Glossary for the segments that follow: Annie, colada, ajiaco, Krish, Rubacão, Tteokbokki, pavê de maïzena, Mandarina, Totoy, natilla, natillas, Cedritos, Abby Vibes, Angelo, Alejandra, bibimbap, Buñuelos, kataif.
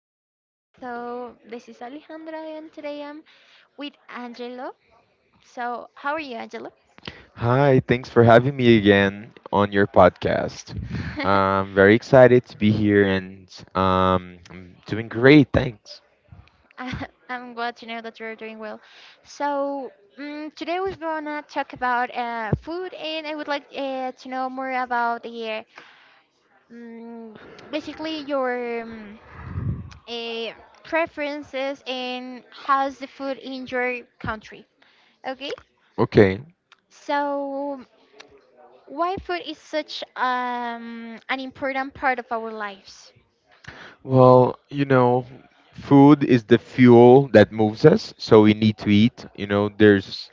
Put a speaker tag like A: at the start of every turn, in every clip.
A: our podcast. So, this is Alejandra, and today I'm with Angelo. So, how are you, Angelo?
B: Hi, thanks for having me again on your podcast. I'm very excited to be here and I'm doing great, thanks.
A: I'm glad to know that you're doing well. So, today we're gonna talk about food, and I would like to know more about the mm basically your uh, preferences and how's the food in your country. Okay,
B: Okay.
A: so why food is such an important part of our lives?
B: Well, you know, food is the fuel that moves us, so we need to eat. You know, there's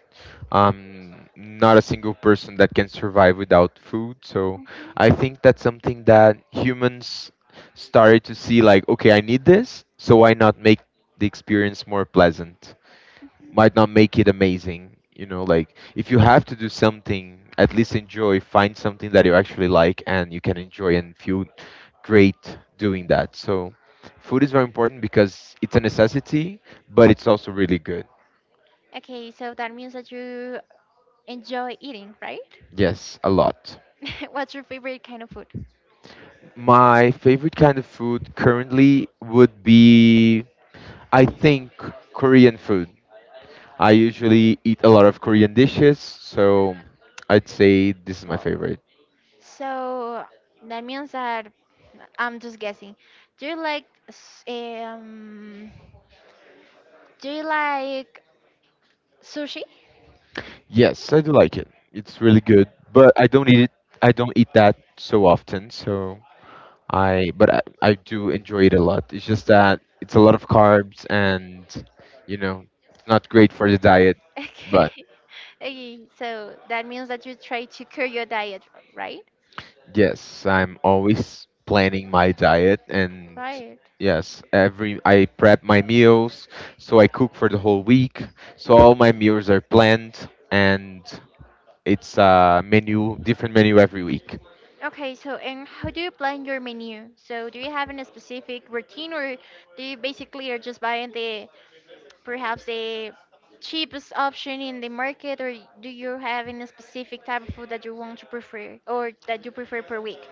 B: not a single person that can survive without food. So
A: Mhm,
B: I think that's something that humans started to see like, okay, I need this, so why not make the experience more pleasant? Might
A: mhm.
B: not make it amazing. You know, like if you have to do something, at least enjoy, find something that you actually like and you can enjoy and feel great doing that. So, food is very important because it's a necessity, but it's also really good.
A: Okay, so that means that you enjoy eating, right?
B: Yes, a lot.
A: What's your favorite kind of food?
B: My favorite kind of food currently would be, I think, Korean food. I usually eat a lot of Korean dishes, so I'd say this is my
A: Wow.
B: favorite.
A: So that means that I'm just guessing. Do you like do you like sushi?
B: Yes, I do like it. It's really good, but I don't eat it. I don't eat that so often. So but I do enjoy it a lot. It's just that it's a lot of carbs, and you know, it's not great for the diet.
A: Okay.
B: But
A: Okay, so that means that you try to curb your diet, right?
B: yes, I'm always planning my diet, and
A: Right.
B: yes, every I prep my meals, so I cook for the whole week. So all my meals are planned, and it's a menu, different menu every week.
A: Okay, so and how do you plan your menu? So do you have any specific routine or do you basically are just buying the cheapest option in the market, or do you have any specific type of food that you want to prefer, or that you prefer per week?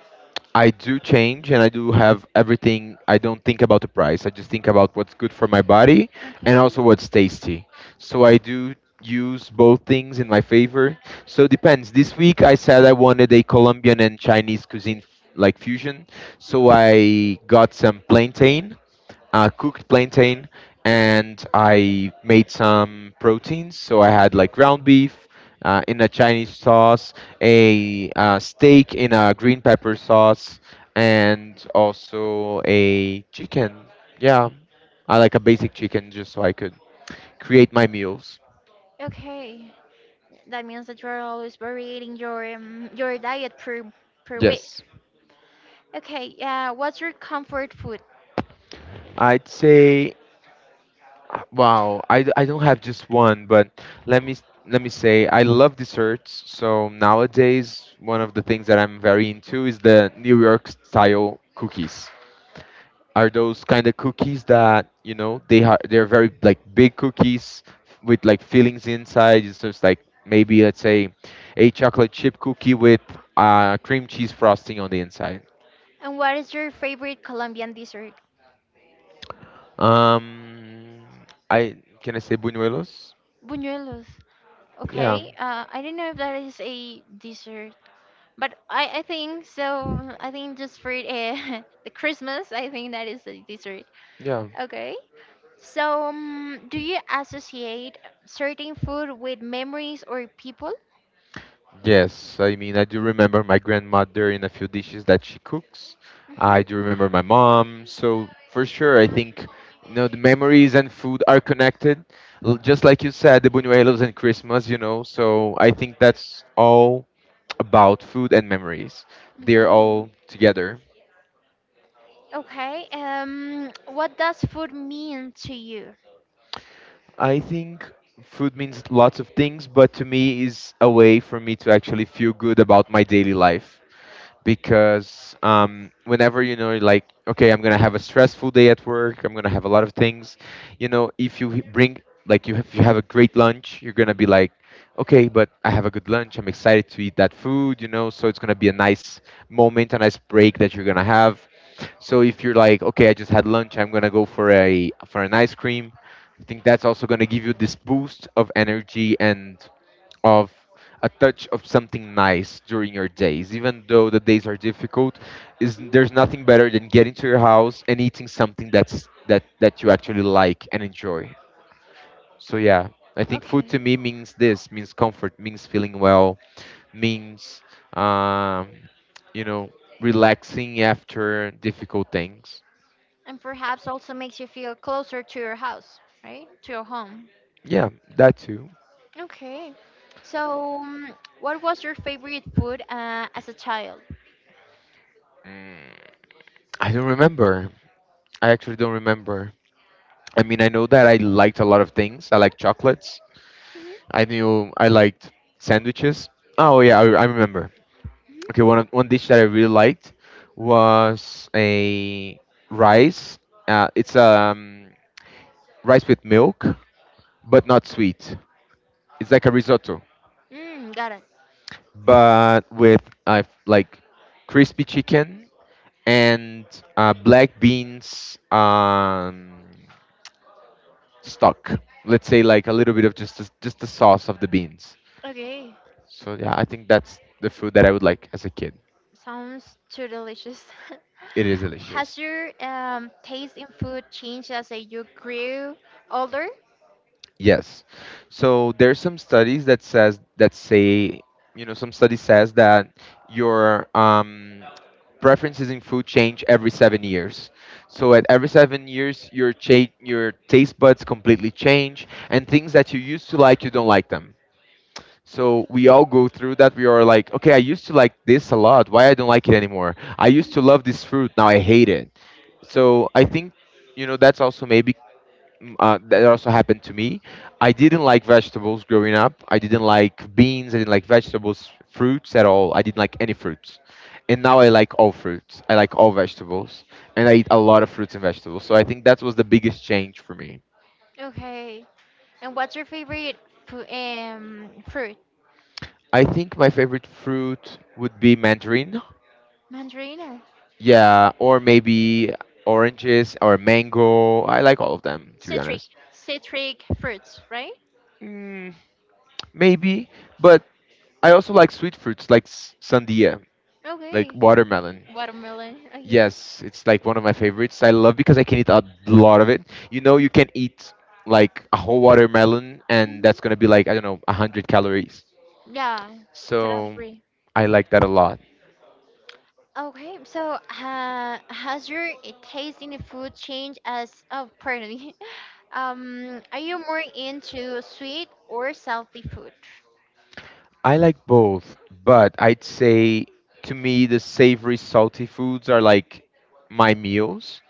B: I do change and I do have everything. I don't think about the price. I just think about what's good for my body and
A: Okay.
B: also what's tasty. So I do use both things in my favor. So it depends. This week I said I wanted a Colombian and Chinese cuisine like fusion. So I got some plantain cooked plantain and I made some proteins. So I had like ground beef in a Chinese sauce, a steak in a green pepper sauce, and also a chicken. Yeah, I like a basic chicken just so I could create my meals.
A: Okay. That means that you're always varying your diet per week.
B: Yes.
A: Okay, yeah, what's your comfort food?
B: I'd say wow, I don't have just one, but let me say I love desserts. So nowadays, one of the things that I'm very into is the New York style cookies. Are those kind of cookies that, you know, they're very like big cookies with like fillings inside. It's just like maybe let's say a chocolate chip cookie with cream cheese frosting on the inside.
A: And what is your favorite Colombian dessert?
B: Um, I can I say buñuelos?
A: Buñuelos.
B: Yeah,
A: Okay, I don't know if that is a dessert, but I think so. I think just for the Christmas, I think that is a dessert.
B: yeah.
A: Okay, so do you associate certain food with memories or people?
B: Yes, I mean, I do remember my grandmother in a few dishes that she cooks.
A: Mm-hmm.
B: I do remember my mom. So for sure, I think you know the memories and food are connected, just like you said, the buñuelos and Christmas. You know, so I think that's all about food and memories. They're
A: Okay.
B: all together.
A: Okay. What does food mean to you?
B: I think food means lots of things, but to me is a way for me to actually feel good about my daily life, because whenever you know you're like okay, I'm gonna have a stressful day at work, I'm gonna have a lot of things. You know, if bring, like you, if you have a great lunch, you're gonna be like okay, but I have a good lunch, I'm excited to eat that food. You know, so it's gonna be a nice moment, a nice break that you're gonna have. So if you're like okay, I just had lunch, I'm gonna go for a for an ice cream, I think that's also gonna give you this boost of energy and of a touch of something nice during your days, even though the days are difficult. Is
A: Hmm.
B: there's nothing better than getting to your house and eating something that you actually like and enjoy. So yeah, I think food to
A: Okay,
B: me means this, means comfort, means feeling well, means um you know, relaxing after difficult things.
A: and perhaps also makes you feel closer to your house, right? To your home.
B: Yeah, that too.
A: Okay. So, mm, what was your favorite food as a child?
B: mm, I don't remember, I actually don't remember. I mean, I know that I liked a lot of things. I like chocolates.
A: Mhm.
B: I knew I liked sandwiches. Oh yeah, I remember. Okay, one dish that I really liked was a rice. It's rice with milk, but not sweet. It's like a risotto,
A: Mm, got it.
B: but with like crispy chicken and black beans stock. Let's say like a little bit of just the sauce of the beans.
A: Okay.
B: So yeah, I think that's the food that I would like as a kid.
A: Sounds too delicious.
B: It is delicious.
A: Has your taste in food changed as you grew older?
B: Yes. So there's some studies that says that say, you know, some study says that your preferences in food change every 7 years. So at every 7 years, your taste buds completely change, and things that you used to like, you don't like them. So we all go through that. We are like, okay, I used to like this a lot. Why I don't like it anymore? I used to love this fruit. Now I hate it. So I think you know that's also maybe that also happened to me. I didn't like vegetables growing up. I didn't like beans. I didn't like vegetables, fruits at all. I didn't like any fruits. And now I like all fruits. I like all vegetables. And I eat a lot of fruits and vegetables. So I think that was the biggest change for me.
A: Okay. And what's your favorite fruit?
B: I think my favorite fruit would be mandarin.
A: Mandarina.
B: Yeah, or maybe oranges or mango. I like all of them, to be
A: Citric.
B: honest.
A: Citric fruits, right?
B: Mm, maybe, but I also like sweet fruits like sandia, like
A: Okay.
B: watermelon.
A: Watermelon. Okay.
B: Yes, it's like one of my favorites. I love because I can eat a lot of it. You know, you can eat like a whole watermelon, and
A: Mhm.
B: that's gonna be like I don't know, a hundred calories.
A: Yeah, totally
B: So
A: agree.
B: I like that a lot.
A: Okay, so taste in food changed as oh, pardon me. Are you more into sweet or salty food?
B: I like both, but I'd say to me the savory, salty foods are like my meals,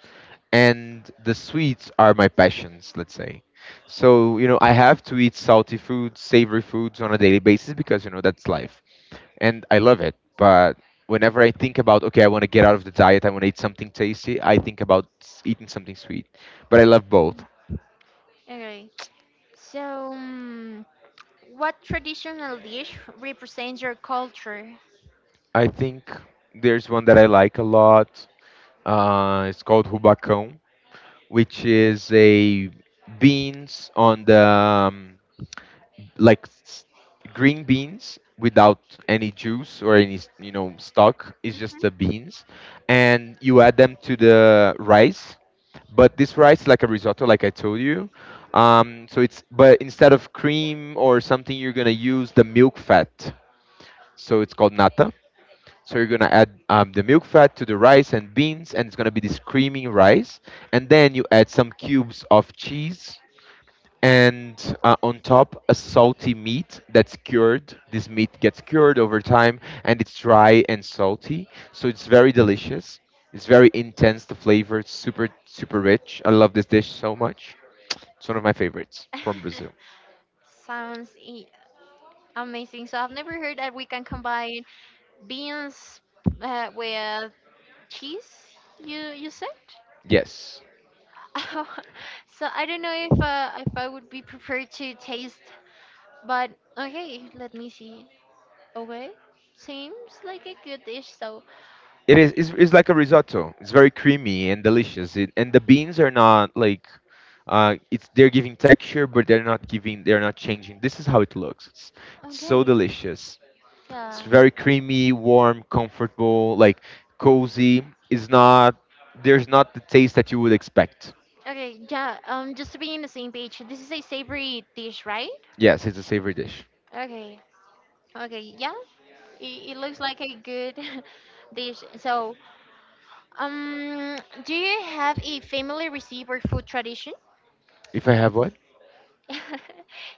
B: and the sweets are my passions. Let's say. So you know, I have to eat salty foods, savory foods on a daily basis because you know that's life, and I love it. But whenever I think about, okay, I want to get out of the diet, I want to eat something tasty, I think about eating something sweet. But I love both.
A: Okay, so mm, what traditional dish represents your culture?
B: I think there's one that I like a lot. It's called Rubacão, which is a beans on the like s- green beans without any juice or any s- you know, stock. It's just
A: Mhm.
B: the beans, and you add them to the rice, but this rice like a risotto like I told you. So it's, but instead of cream or something, you're gonna use the milk fat, so it's called nata. So you're gonna add the milk fat to the rice and beans, and it's gonna be this creamy rice. And then you add some cubes of cheese, and on top a salty meat that's cured. This meat gets cured over time, and it's dry and salty, so it's very delicious. It's very intense, the flavor. It's super super rich. I love this dish so much. It's one of my favorites from Brazil.
A: Sounds amazing. So I've never heard that we can combine beans with cheese. You said?
B: Yes,
A: So I don't know if I would be prepared to taste, but okay, let me see. Okay, seems like a good dish. So
B: it is. It's like a risotto. It's very creamy and delicious, it, and the beans are not like it's, they're giving texture, but they're not changing. This is how it looks. It's so
A: okay,
B: delicious. It's
A: yeah,
B: very creamy, warm, comfortable, like cozy. It's not, there's not the taste that you would expect.
A: okay, yeah. Just to be on the same page, this is a savory dish, right?
B: Yes, it's a savory dish.
A: Okay, okay, yeah. It looks like a good dish. So, um, do you have a family recipe or food tradition?
B: If I have what?
A: Do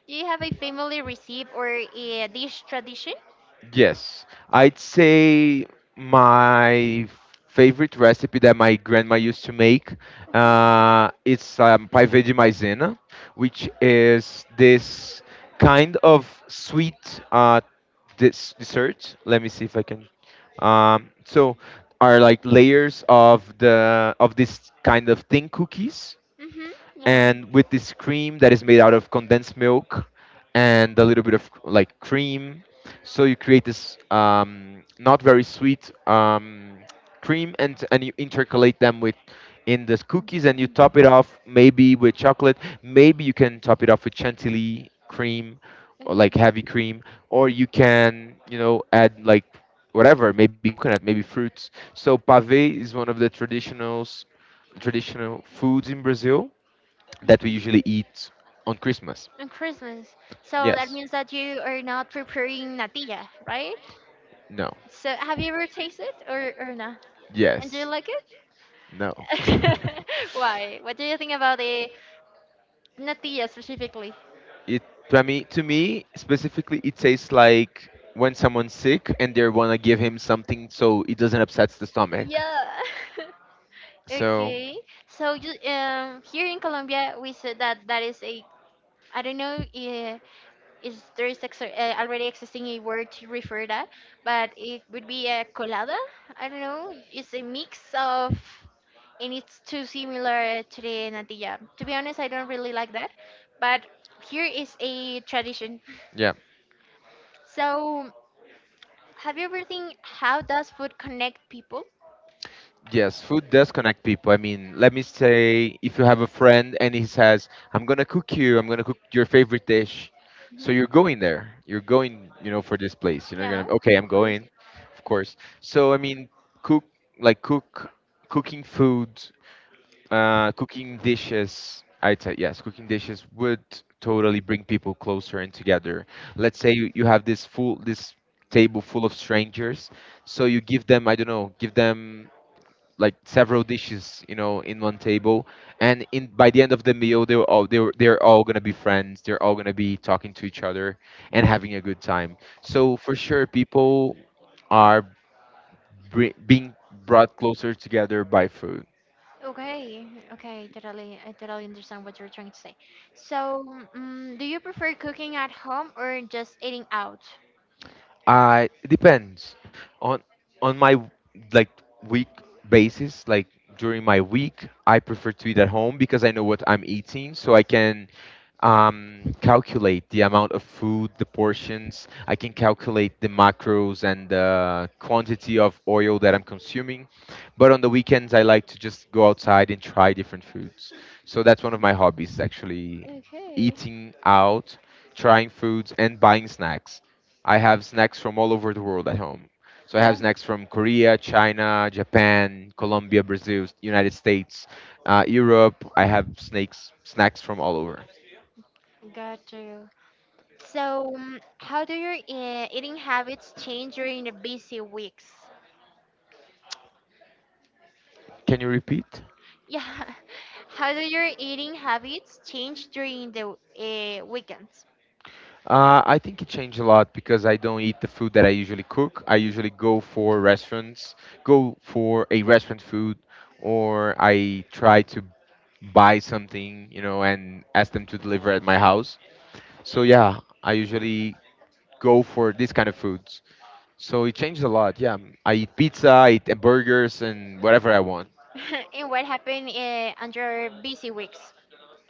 A: you have a family recipe or a dish tradition?
B: Yes, I'd say my favorite recipe that my grandma used to make is pavê de maïzena, which is this kind of sweet this dessert. Let me see if I can. So are like layers of the of this kind of thin cookies,
A: Mm-hmm. Yeah.
B: and with this cream that is made out of condensed milk and a little bit of like cream. So you create this not very sweet cream, and you intercalate them with in the cookies, and you top it off maybe with chocolate. Maybe you can top it off with chantilly cream, or like
A: Okay.
B: heavy cream, or you can you know add like whatever, maybe coconut, maybe fruits. So pave is one of the traditionals traditional foods in Brazil that we
A: Hmm.
B: usually eat on Christmas.
A: And Christmas. So that
B: Yes.
A: means that you are not preparing natilla, right?
B: No.
A: So have you ever tasted it, or not? And do you
B: Yes.
A: like
B: No.
A: it? Why? What do you think about the natilla specifically?
B: It to me specifically it tastes like when someone's sick and they wanna give him something so it doesn't upset the stomach.
A: Yeah.
B: So
A: Okay. So you, here in Colombia, we said that that is a I don't know is there is already existing a word to refer that, but it would be a colada. I don't know. It's a mix of, and it's too similar to the natilla. To be honest, I don't really like that, but here is a tradition.
B: yeah.
A: So, have you ever think how does food connect people?
B: Yes, food does connect people. I mean, let me say if you have a friend and he says, I'm gonna cook you, I'm gonna cook your favorite dish. So you're
A: Hmm.
B: going there. You're going, you know, for this place. You know, you're
A: Yeah,
B: gonna okay, I'm
A: of course.
B: going, of course. So I mean cook like cook cooking food, cooking dishes. I'd say yes, cooking dishes would totally bring people closer and together. Let's say you have this table full of strangers. So you I don't know, give them like several dishes, in one table. And in by the end of the meal, they're all gonna be friends. They're all gonna be talking to each other and having a good time. So for sure, people are being brought closer together by food.
A: Okay, okay, totally, I totally understand what you're trying to say. So, mm do you prefer cooking at home or just eating out?
B: I it depends on on my like week basis. Like during my week, I prefer to eat at home because I know what I'm eating, so I can calculate the amount of food, the portions. I can calculate the macros and the quantity of oil that I'm consuming. But on the weekends, I like to just go outside and try different foods. So that's one of my hobbies, actually,
A: Okay.
B: eating out, trying foods, and buying snacks. I have snacks from all over the world at home. So I have
A: Yeah.
B: snacks from Korea, China, Japan, Colombia, Brazil, United States, Europe. I have snakes snacks from all over.
A: Got you. So, how do your eating habits change during the busy weeks?
B: Can you repeat?
A: Yeah. How do your eating habits change during the weekends?
B: I think it changed a lot because I don't eat the food that I usually cook. I usually go for restaurants, go for a restaurant food, or I try to buy something, and ask them to deliver at my house. So yeah, I usually go for this kind of food. So it changes a lot. Yeah, I eat pizza, I eat burgers, and whatever I want.
A: And what happened under busy weeks?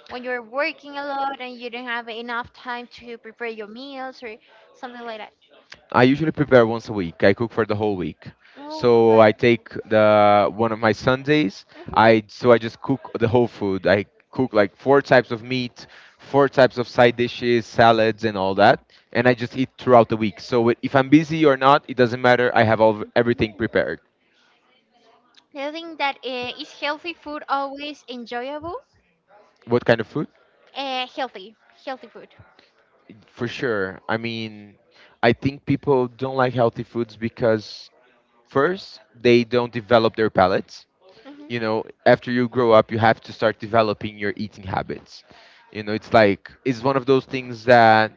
A: When you're working a lot and you don't have enough time to prepare your meals or something like that.
B: I usually prepare once a week. I cook for the whole week.
A: Oh,
B: So
A: got
B: I
A: it.
B: take the one of my Sundays. I
A: Mhm.
B: so I just cook the whole food. I cook like four types of meat, four types of side dishes, salads, and all that. And I just eat throughout the week. So if I'm busy or not, it doesn't matter. I have all everything prepared.
A: Do you think that is healthy food always enjoyable?
B: What kind of food?
A: Uh, healthy, healthy food.
B: For sure. I mean, I think people don't like healthy foods because first, they don't develop their palates. You
A: Hmm.
B: know, after you grow up, you have to start developing your eating habits. You know, it's like, it's one of those things that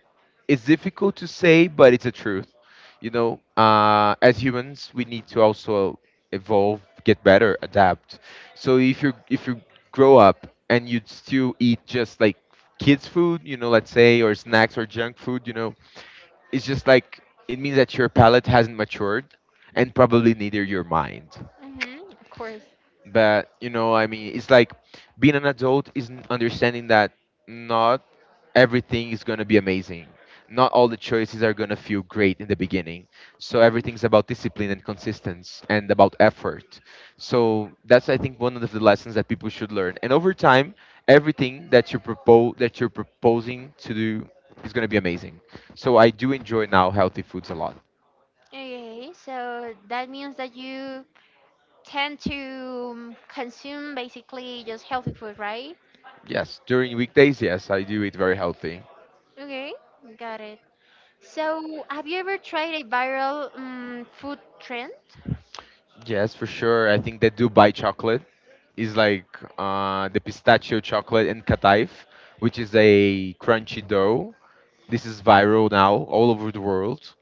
B: it's difficult to say, but it's a truth. You know, as humans, we need to also evolve, get better, adapt. So if you grow up and you still eat just like kids food, let's say, or snacks or junk food, it's just like it means that your palate hasn't matured and probably neither your mind.
A: Mm-hmm, of course.
B: But you know, I mean, it's like being an adult is understanding that not everything is going to be amazing. Not all the choices are going to feel great in the beginning. So everything's about discipline and consistency and about effort. So that's I think one of the lessons that people should learn. And over time, everything that you're proposing to do is going to be amazing. So I do enjoy now healthy foods a lot.
A: Okay, so that means that you tend to consume basically just healthy food, right?
B: Yes, during weekdays, yes, I do eat very healthy.
A: Okay, got it. So, have you ever tried a viral food trend?
B: Yes, for sure. I think that Dubai chocolate is like the pistachio chocolate and kataif, which is a crunchy dough. This is viral now all over the world,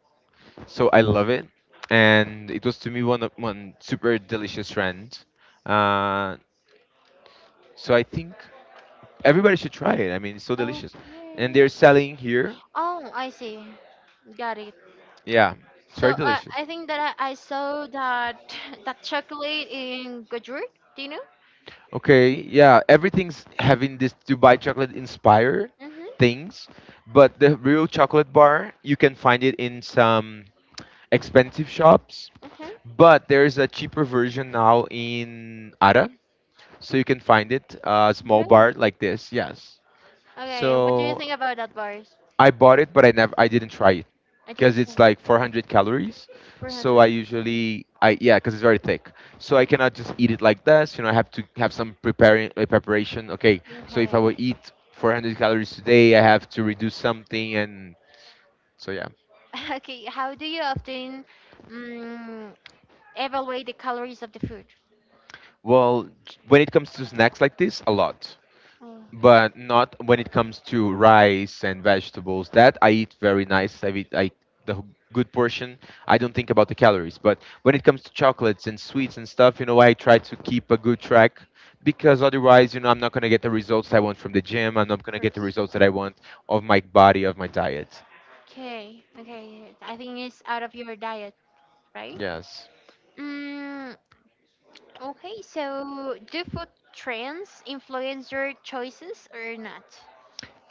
B: so I love it. And it was to me one super delicious trend. Uh, so I think everybody should try it. I mean, it's so delicious, and
A: Okay.
B: they're selling here.
A: Oh, I see. Got it.
B: Yeah, it's
A: So,
B: very delicious.
A: I think that I saw that that chocolate in Gojurt. Do you know?
B: Okay, yeah, everything's having this Dubai chocolate inspired
A: Mm-hmm.
B: things, but the real chocolate bar, you can find it in some expensive shops,
A: Okay.
B: but there's a cheaper version now in Ara, so you can find it, a small bar
A: Good.
B: like this, yes.
A: Okay, what do you
B: So
A: think about that, bars?
B: I bought it, but I didn't try it
A: I
B: because
A: didn't
B: it's
A: try.
B: like 400 calories. So
A: 400.
B: I usually, I yeah, because it's very thick. So I cannot just eat it like this. You know, I have to have some preparing preparation. Okay, so if I
A: Okay.
B: will eat 400 calories today, I have to reduce something, and so yeah.
A: Okay, how do you often um, evaluate the calories of the food?
B: Well, when it comes to snacks like this, a lot.
A: Oh,
B: But not when it comes to rice and vegetables. That I eat very nice. I eat good portion. I don't think about the calories. But when it comes to chocolates and sweets and stuff, I try to keep a good track because otherwise, I'm not gonna get the results I want from the gym. I'm not gonna get the
A: first.
B: results that I want of my body, of my diet.
A: Okay, okay. I think it's out of your diet, right?
B: Yes.
A: Mm, okay, so do food trends influence your choices or not?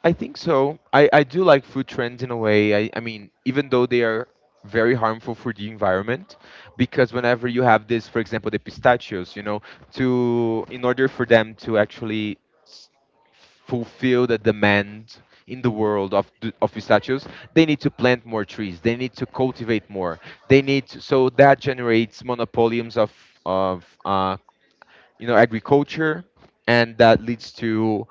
B: I think so. I do like food trends in a way. I mean, even though they are very harmful for the environment, because whenever you have this, for example, the pistachios, you know, to in order for them to actually s- fulfill the demand in the world of of pistachios, they need to plant more trees. They need to cultivate more. They need to, so that generates monopoliums of agriculture, and that leads to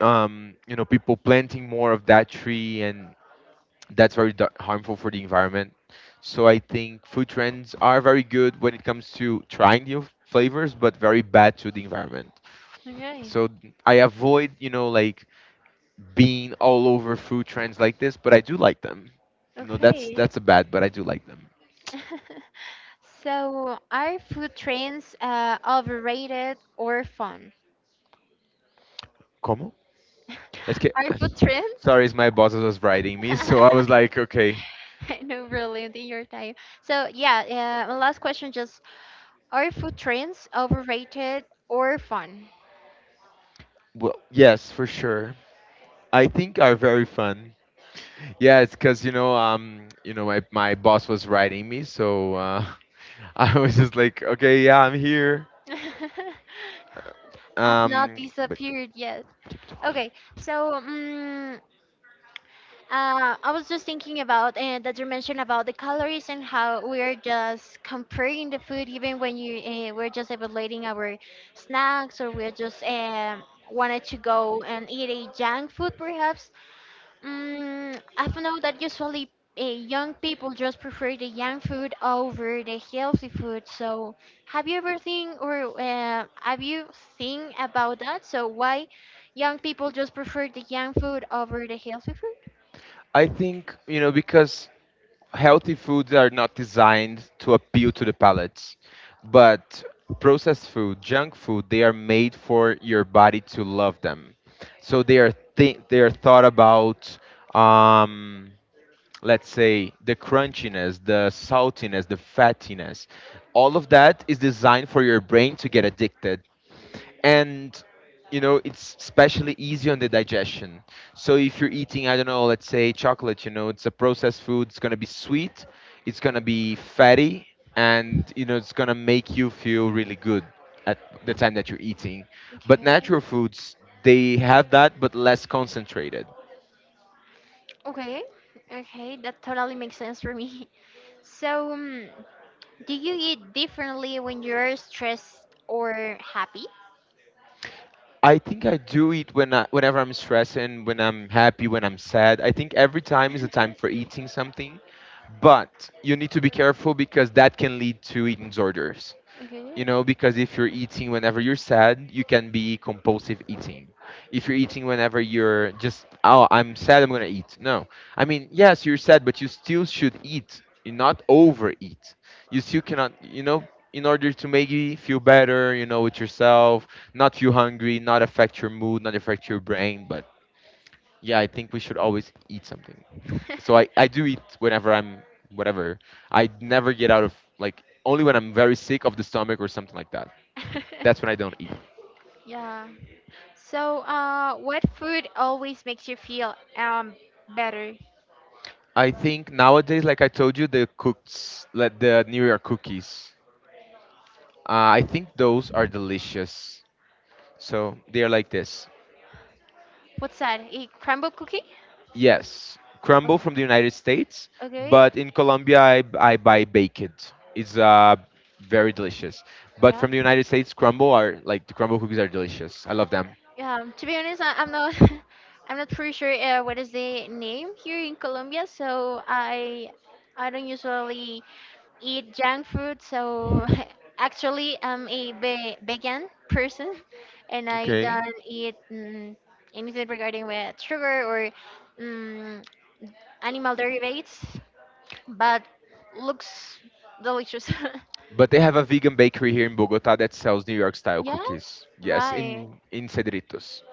B: people planting more of that tree, and that's very harmful for the environment. So I think food trends are very good when it comes to trying new flavors, but very bad to the environment.
A: Okay,
B: So I avoid, like being all over food trends like this, but I do like them. You know, that's
A: okay.
B: that's a bad, but I do like them.
A: So are food trends overrated or fun?
B: Como? Es que,
A: Are food trends?
B: sorry, it's my boss was writing me, so I was like, okay,
A: I know, really, in your time. So, yeah, yeah, my last question just are food trends overrated or fun?
B: well, yes, for sure. I think are very fun. Yeah, it's because my boss was writing me, so I was just like, okay, yeah, I'm here.
A: I've not
B: Um, but
A: disappeared yet. Okay, so I was just thinking about that you mentioned about the calories and how we're just comparing the food, even when you we're just evaluating our snacks, or we're just wanted to go and eat a junk food perhaps. Mm, I don't know that usually young people just prefer the young food over the healthy food. So, have you ever think, or have you think about that? So, why young people just prefer the young food over the healthy food?
B: I think because healthy foods are not designed to appeal to the palates, but processed food, junk food, they are made for your body to love them. So they are they are thought about. Um, let's say the crunchiness, the saltiness, the fattiness, all of that is designed for your brain to get addicted, and it's especially easy on the digestion. So if you're eating, I don't know, let's say chocolate, it's a processed food. It's going to be sweet, it's going to be fatty, and it's going to make you feel really good at the time that you're eating, but
A: Okay.
B: natural foods, they have that but less concentrated.
A: Okay, okay, that totally makes sense for me. So, do you eat differently when you're stressed or happy?
B: I think I do eat when whenever I'm stressed and when I'm happy, when I'm sad. I think every time is a time for eating something, but you need to be careful because that can lead to eating disorders,
A: Okay.
B: because if you're eating whenever you're sad, you can be compulsive eating. If you're eating whenever you're just, oh, I'm sad, I'm gonna eat, no, I mean, yes, you're sad, but you still should eat, you not overeat. You still cannot, in order to make you feel better, with yourself, not feel hungry, not affect your mood, not affect your brain, but yeah, I think we should always eat something. So I do eat whenever I'm whatever. I never get out of like only when I'm very sick of the stomach or something like that. That's when I don't eat.
A: Yeah. So, what food always makes you feel better?
B: I think nowadays, like I told you, the cooks, like the New York cookies. I think those are delicious. So they are like this.
A: What's that? A crumble cookie?
B: Yes, crumble
A: Okay.
B: from the United States,
A: Okay.
B: but in Colombia I buy baked. It's very delicious. But
A: Yeah.
B: from the United States, crumble are like the crumble cookies are delicious. I love them.
A: To be honest, I'm not. I'm not pretty sure what is the name here in Colombia. So I don't usually eat junk food. So actually, I'm a vegan person, and I don't eat anything regarding with sugar or mm animal derivatives. But looks delicious.
B: But they have a vegan bakery here in Bogota that sells New York style
A: Yeah,
B: cookies. Yes,
A: right.
B: in Cedritos.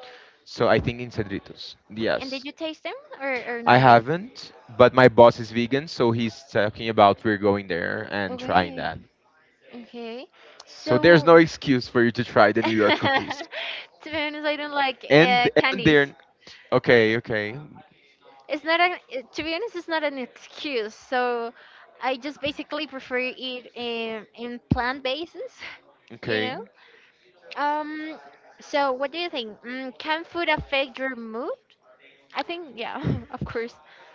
B: So I think in Cedritos.
A: And did
B: Yes.
A: you taste them, or, or
B: I
A: not yet?
B: haven't, but my boss is vegan, so he's talking about we're going there and trying
A: Okay.
B: that.
A: Okay.
B: So there's
A: So,
B: no excuse for you to try the New York cookies.
A: to be honest, I don't like
B: And and
A: candies.
B: they're okay, okay,
A: It's not a. To be honest, it's not an excuse. So, I just basically prefer eat in plant bases. You
B: okay.
A: know? Um, so what do you think? Mm, can food affect your mood? I think, yeah, of course.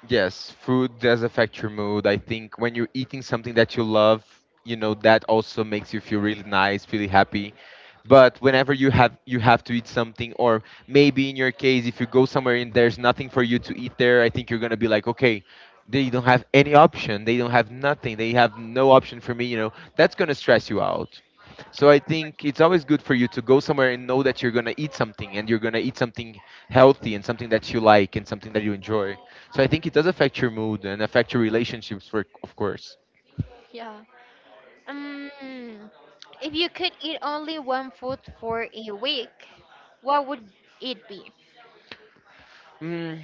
B: Yes, food does affect your mood. I think when you're eating something that you love, that also makes you feel really nice, really happy. But whenever you have to eat something, or maybe in your case, if you go somewhere and there's nothing for you to eat there, I think you're gonna be like, okay, they don't have any option. They don't have nothing. They have no option for me. You know, that's gonna stress you out. So I think it's always good for you to go somewhere and know that you're gonna eat something, and you're gonna eat something healthy and something that you like and something that you enjoy. So I think it does affect your mood and affect your relationships, for of course.
A: Yeah. Um, if you could eat only one food for a week, what would it be?
B: Mm,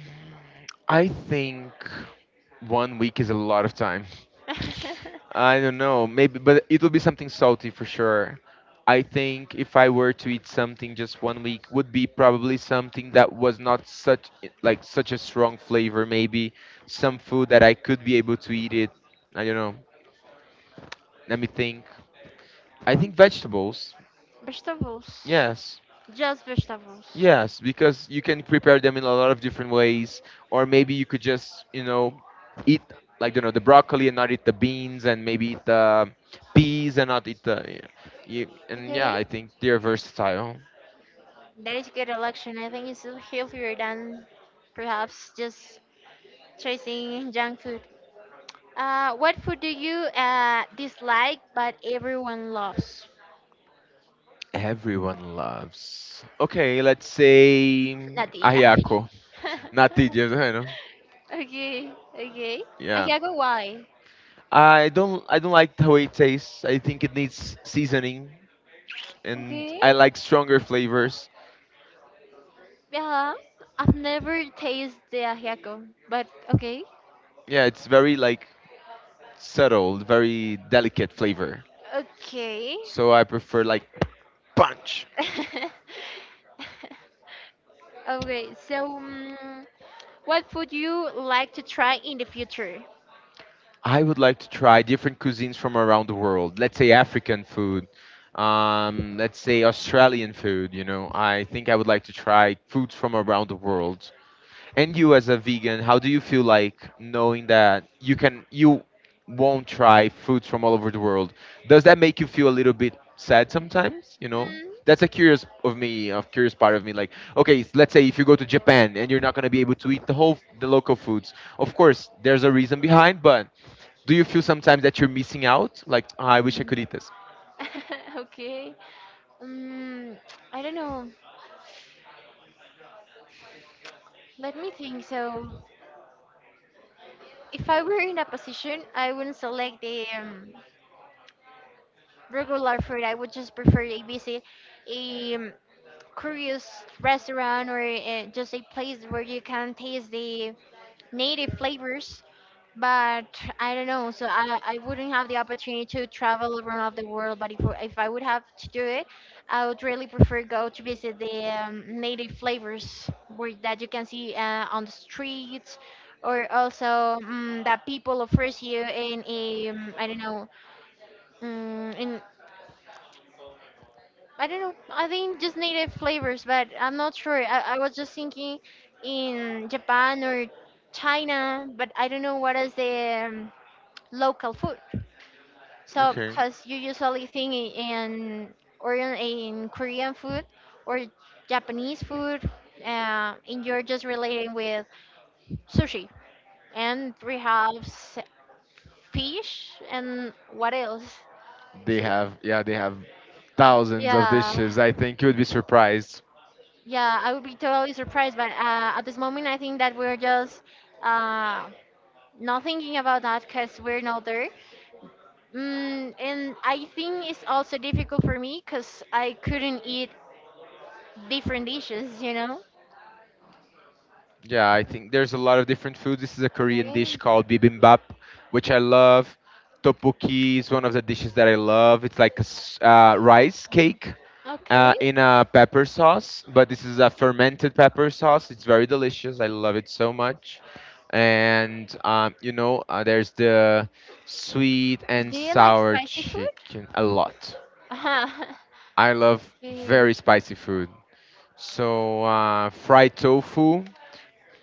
B: I think one week is a lot of time. I don't know, maybe, but it will be something salty for sure. I think if I were to eat something just one week, would be probably something that was not such a strong flavor. Maybe some food that I could be able to eat it. I don't know. Let me think. I think vegetables.
A: Vegetables.
B: Yes.
A: Just vegetables.
B: Yes, because you can prepare them in a lot of different ways, or maybe you could just, eat like the broccoli and not eat the beans, and maybe eat the peas and not eat the. Yeah. And yeah,
A: Okay?
B: I think they're versatile.
A: That is a good election. I think it's healthier than perhaps just chasing junk food. What food do you dislike but everyone loves?
B: Everyone loves. Okay, let's say
A: Natilla.
B: ajiaco, natillas, you know.
A: Okay, okay.
B: Yeah,
A: Ajiago, why?
B: I don't like how it tastes. I think it needs seasoning, and
A: Okay.
B: I like stronger flavors.
A: Yeah, I've never tasted the ajiaco, but okay.
B: Yeah, it's very like subtle, very delicate flavor.
A: Okay.
B: So I prefer like punch.
A: Okay, so mm what would you like to try in the future?
B: I would like to try different cuisines from around the world. Let's say African food, let's say Australian food. You know, I think I would like to try foods from around the world. And you as a vegan, how do you feel like knowing that you won't try foods from all over the world? Does that make you feel a little bit sad sometimes, you know?
A: Mm,
B: That's a curious of me, a curious part of me. Like, okay, let's say if you go to Japan and you're not gonna be able to eat the local foods. Of course, there's a reason behind, but do you feel sometimes that you're missing out? Like, "Ah, I wish I could
A: mm.
B: eat this."
A: Okay. Um, I don't know. Let me think. So, if I were in a position, I wouldn't select the regular food. I would just prefer ABC curious restaurant, or just a place where you can taste the native flavors. But I don't know, so I wouldn't have the opportunity to travel around the world. But if I would have to do it, I would really prefer go to visit the native flavors where that you can see on the streets, or also mm that people offers you in a I don't know in I don't know. I think just native flavors, but I'm not sure. I was just thinking in Japan or China, but I don't know what is the local food. So
B: Okay.
A: because you usually think in or in, in Korean food or Japanese food, and you're just relating with sushi and perhaps fish and what else?
B: They
A: So,
B: have, yeah, they have thousands of
A: yeah.
B: dishes. I think you would be surprised.
A: Yeah, I would be totally surprised, but at this moment, I think that we're just uh, not thinking about that because we're not there. Mm, and I think it's also difficult for me because I couldn't eat different dishes, you know?
B: Yeah, I think there's a lot of different foods. This is a Korean dish
A: Okay,
B: called bibimbap, which I love. Tteokbokki is one of the dishes that I love. It's like a rice
A: Japan.
B: cake
A: Okay.
B: in a pepper sauce, but this is a fermented pepper sauce. It's very delicious. I love it so much. And there's the sweet and
A: Do you like
B: sour
A: spicy food?
B: chicken a lot.
A: Uh-huh.
B: I love
A: Okay. I
B: very spicy food. So fried tofu,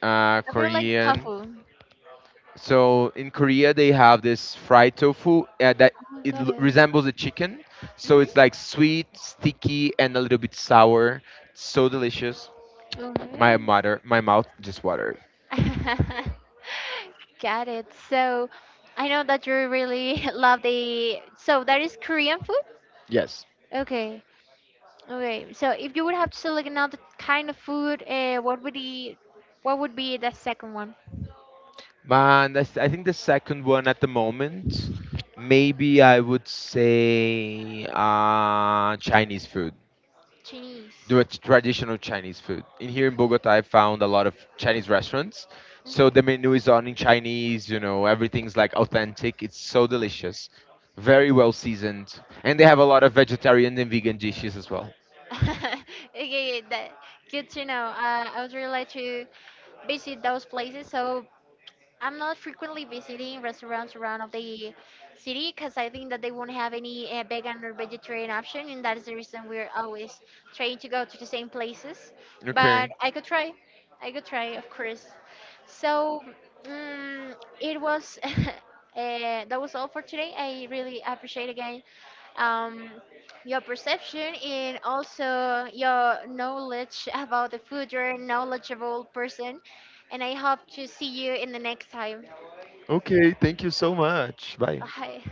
A: really like
B: Korean.
A: tofu.
B: So in Korea, they have this fried tofu that
A: Oh, got it.
B: resembles a chicken. So it's like
A: Hmm.
B: sweet, sticky, and a little bit sour. So delicious. My
A: Okay.
B: mother, my mouth just watered.
A: Got it. So I know that you really love the. So that is Korean food?
B: Yes.
A: Okay. Okay. So if you would have to select another kind of food, what would be the second one?
B: Man, I think the second one at the moment, maybe I would say Chinese food. The
A: Chinese.
B: traditional Chinese food. In here in Bogota, I
A: Okay.
B: found a lot of Chinese restaurants. So
A: Mhm.
B: the menu is on in Chinese, everything's like authentic. It's so delicious, very well seasoned. And they have a lot of vegetarian and vegan dishes as well.
A: Okay, that good to know. I would really like to visit those places. So I'm not frequently visiting restaurants around of the city because I think that they won't have any vegan or vegetarian option, and that is the reason we're always trying to go to the same places.
B: Okay.
A: But I could try, of course. So mm it was that was all for today. I really appreciate again um, your perception and also your knowledge about the food. You're a knowledgeable person, and I hope to see you in the next time.
B: Okay. Thank you so much. Bye.
A: Bye.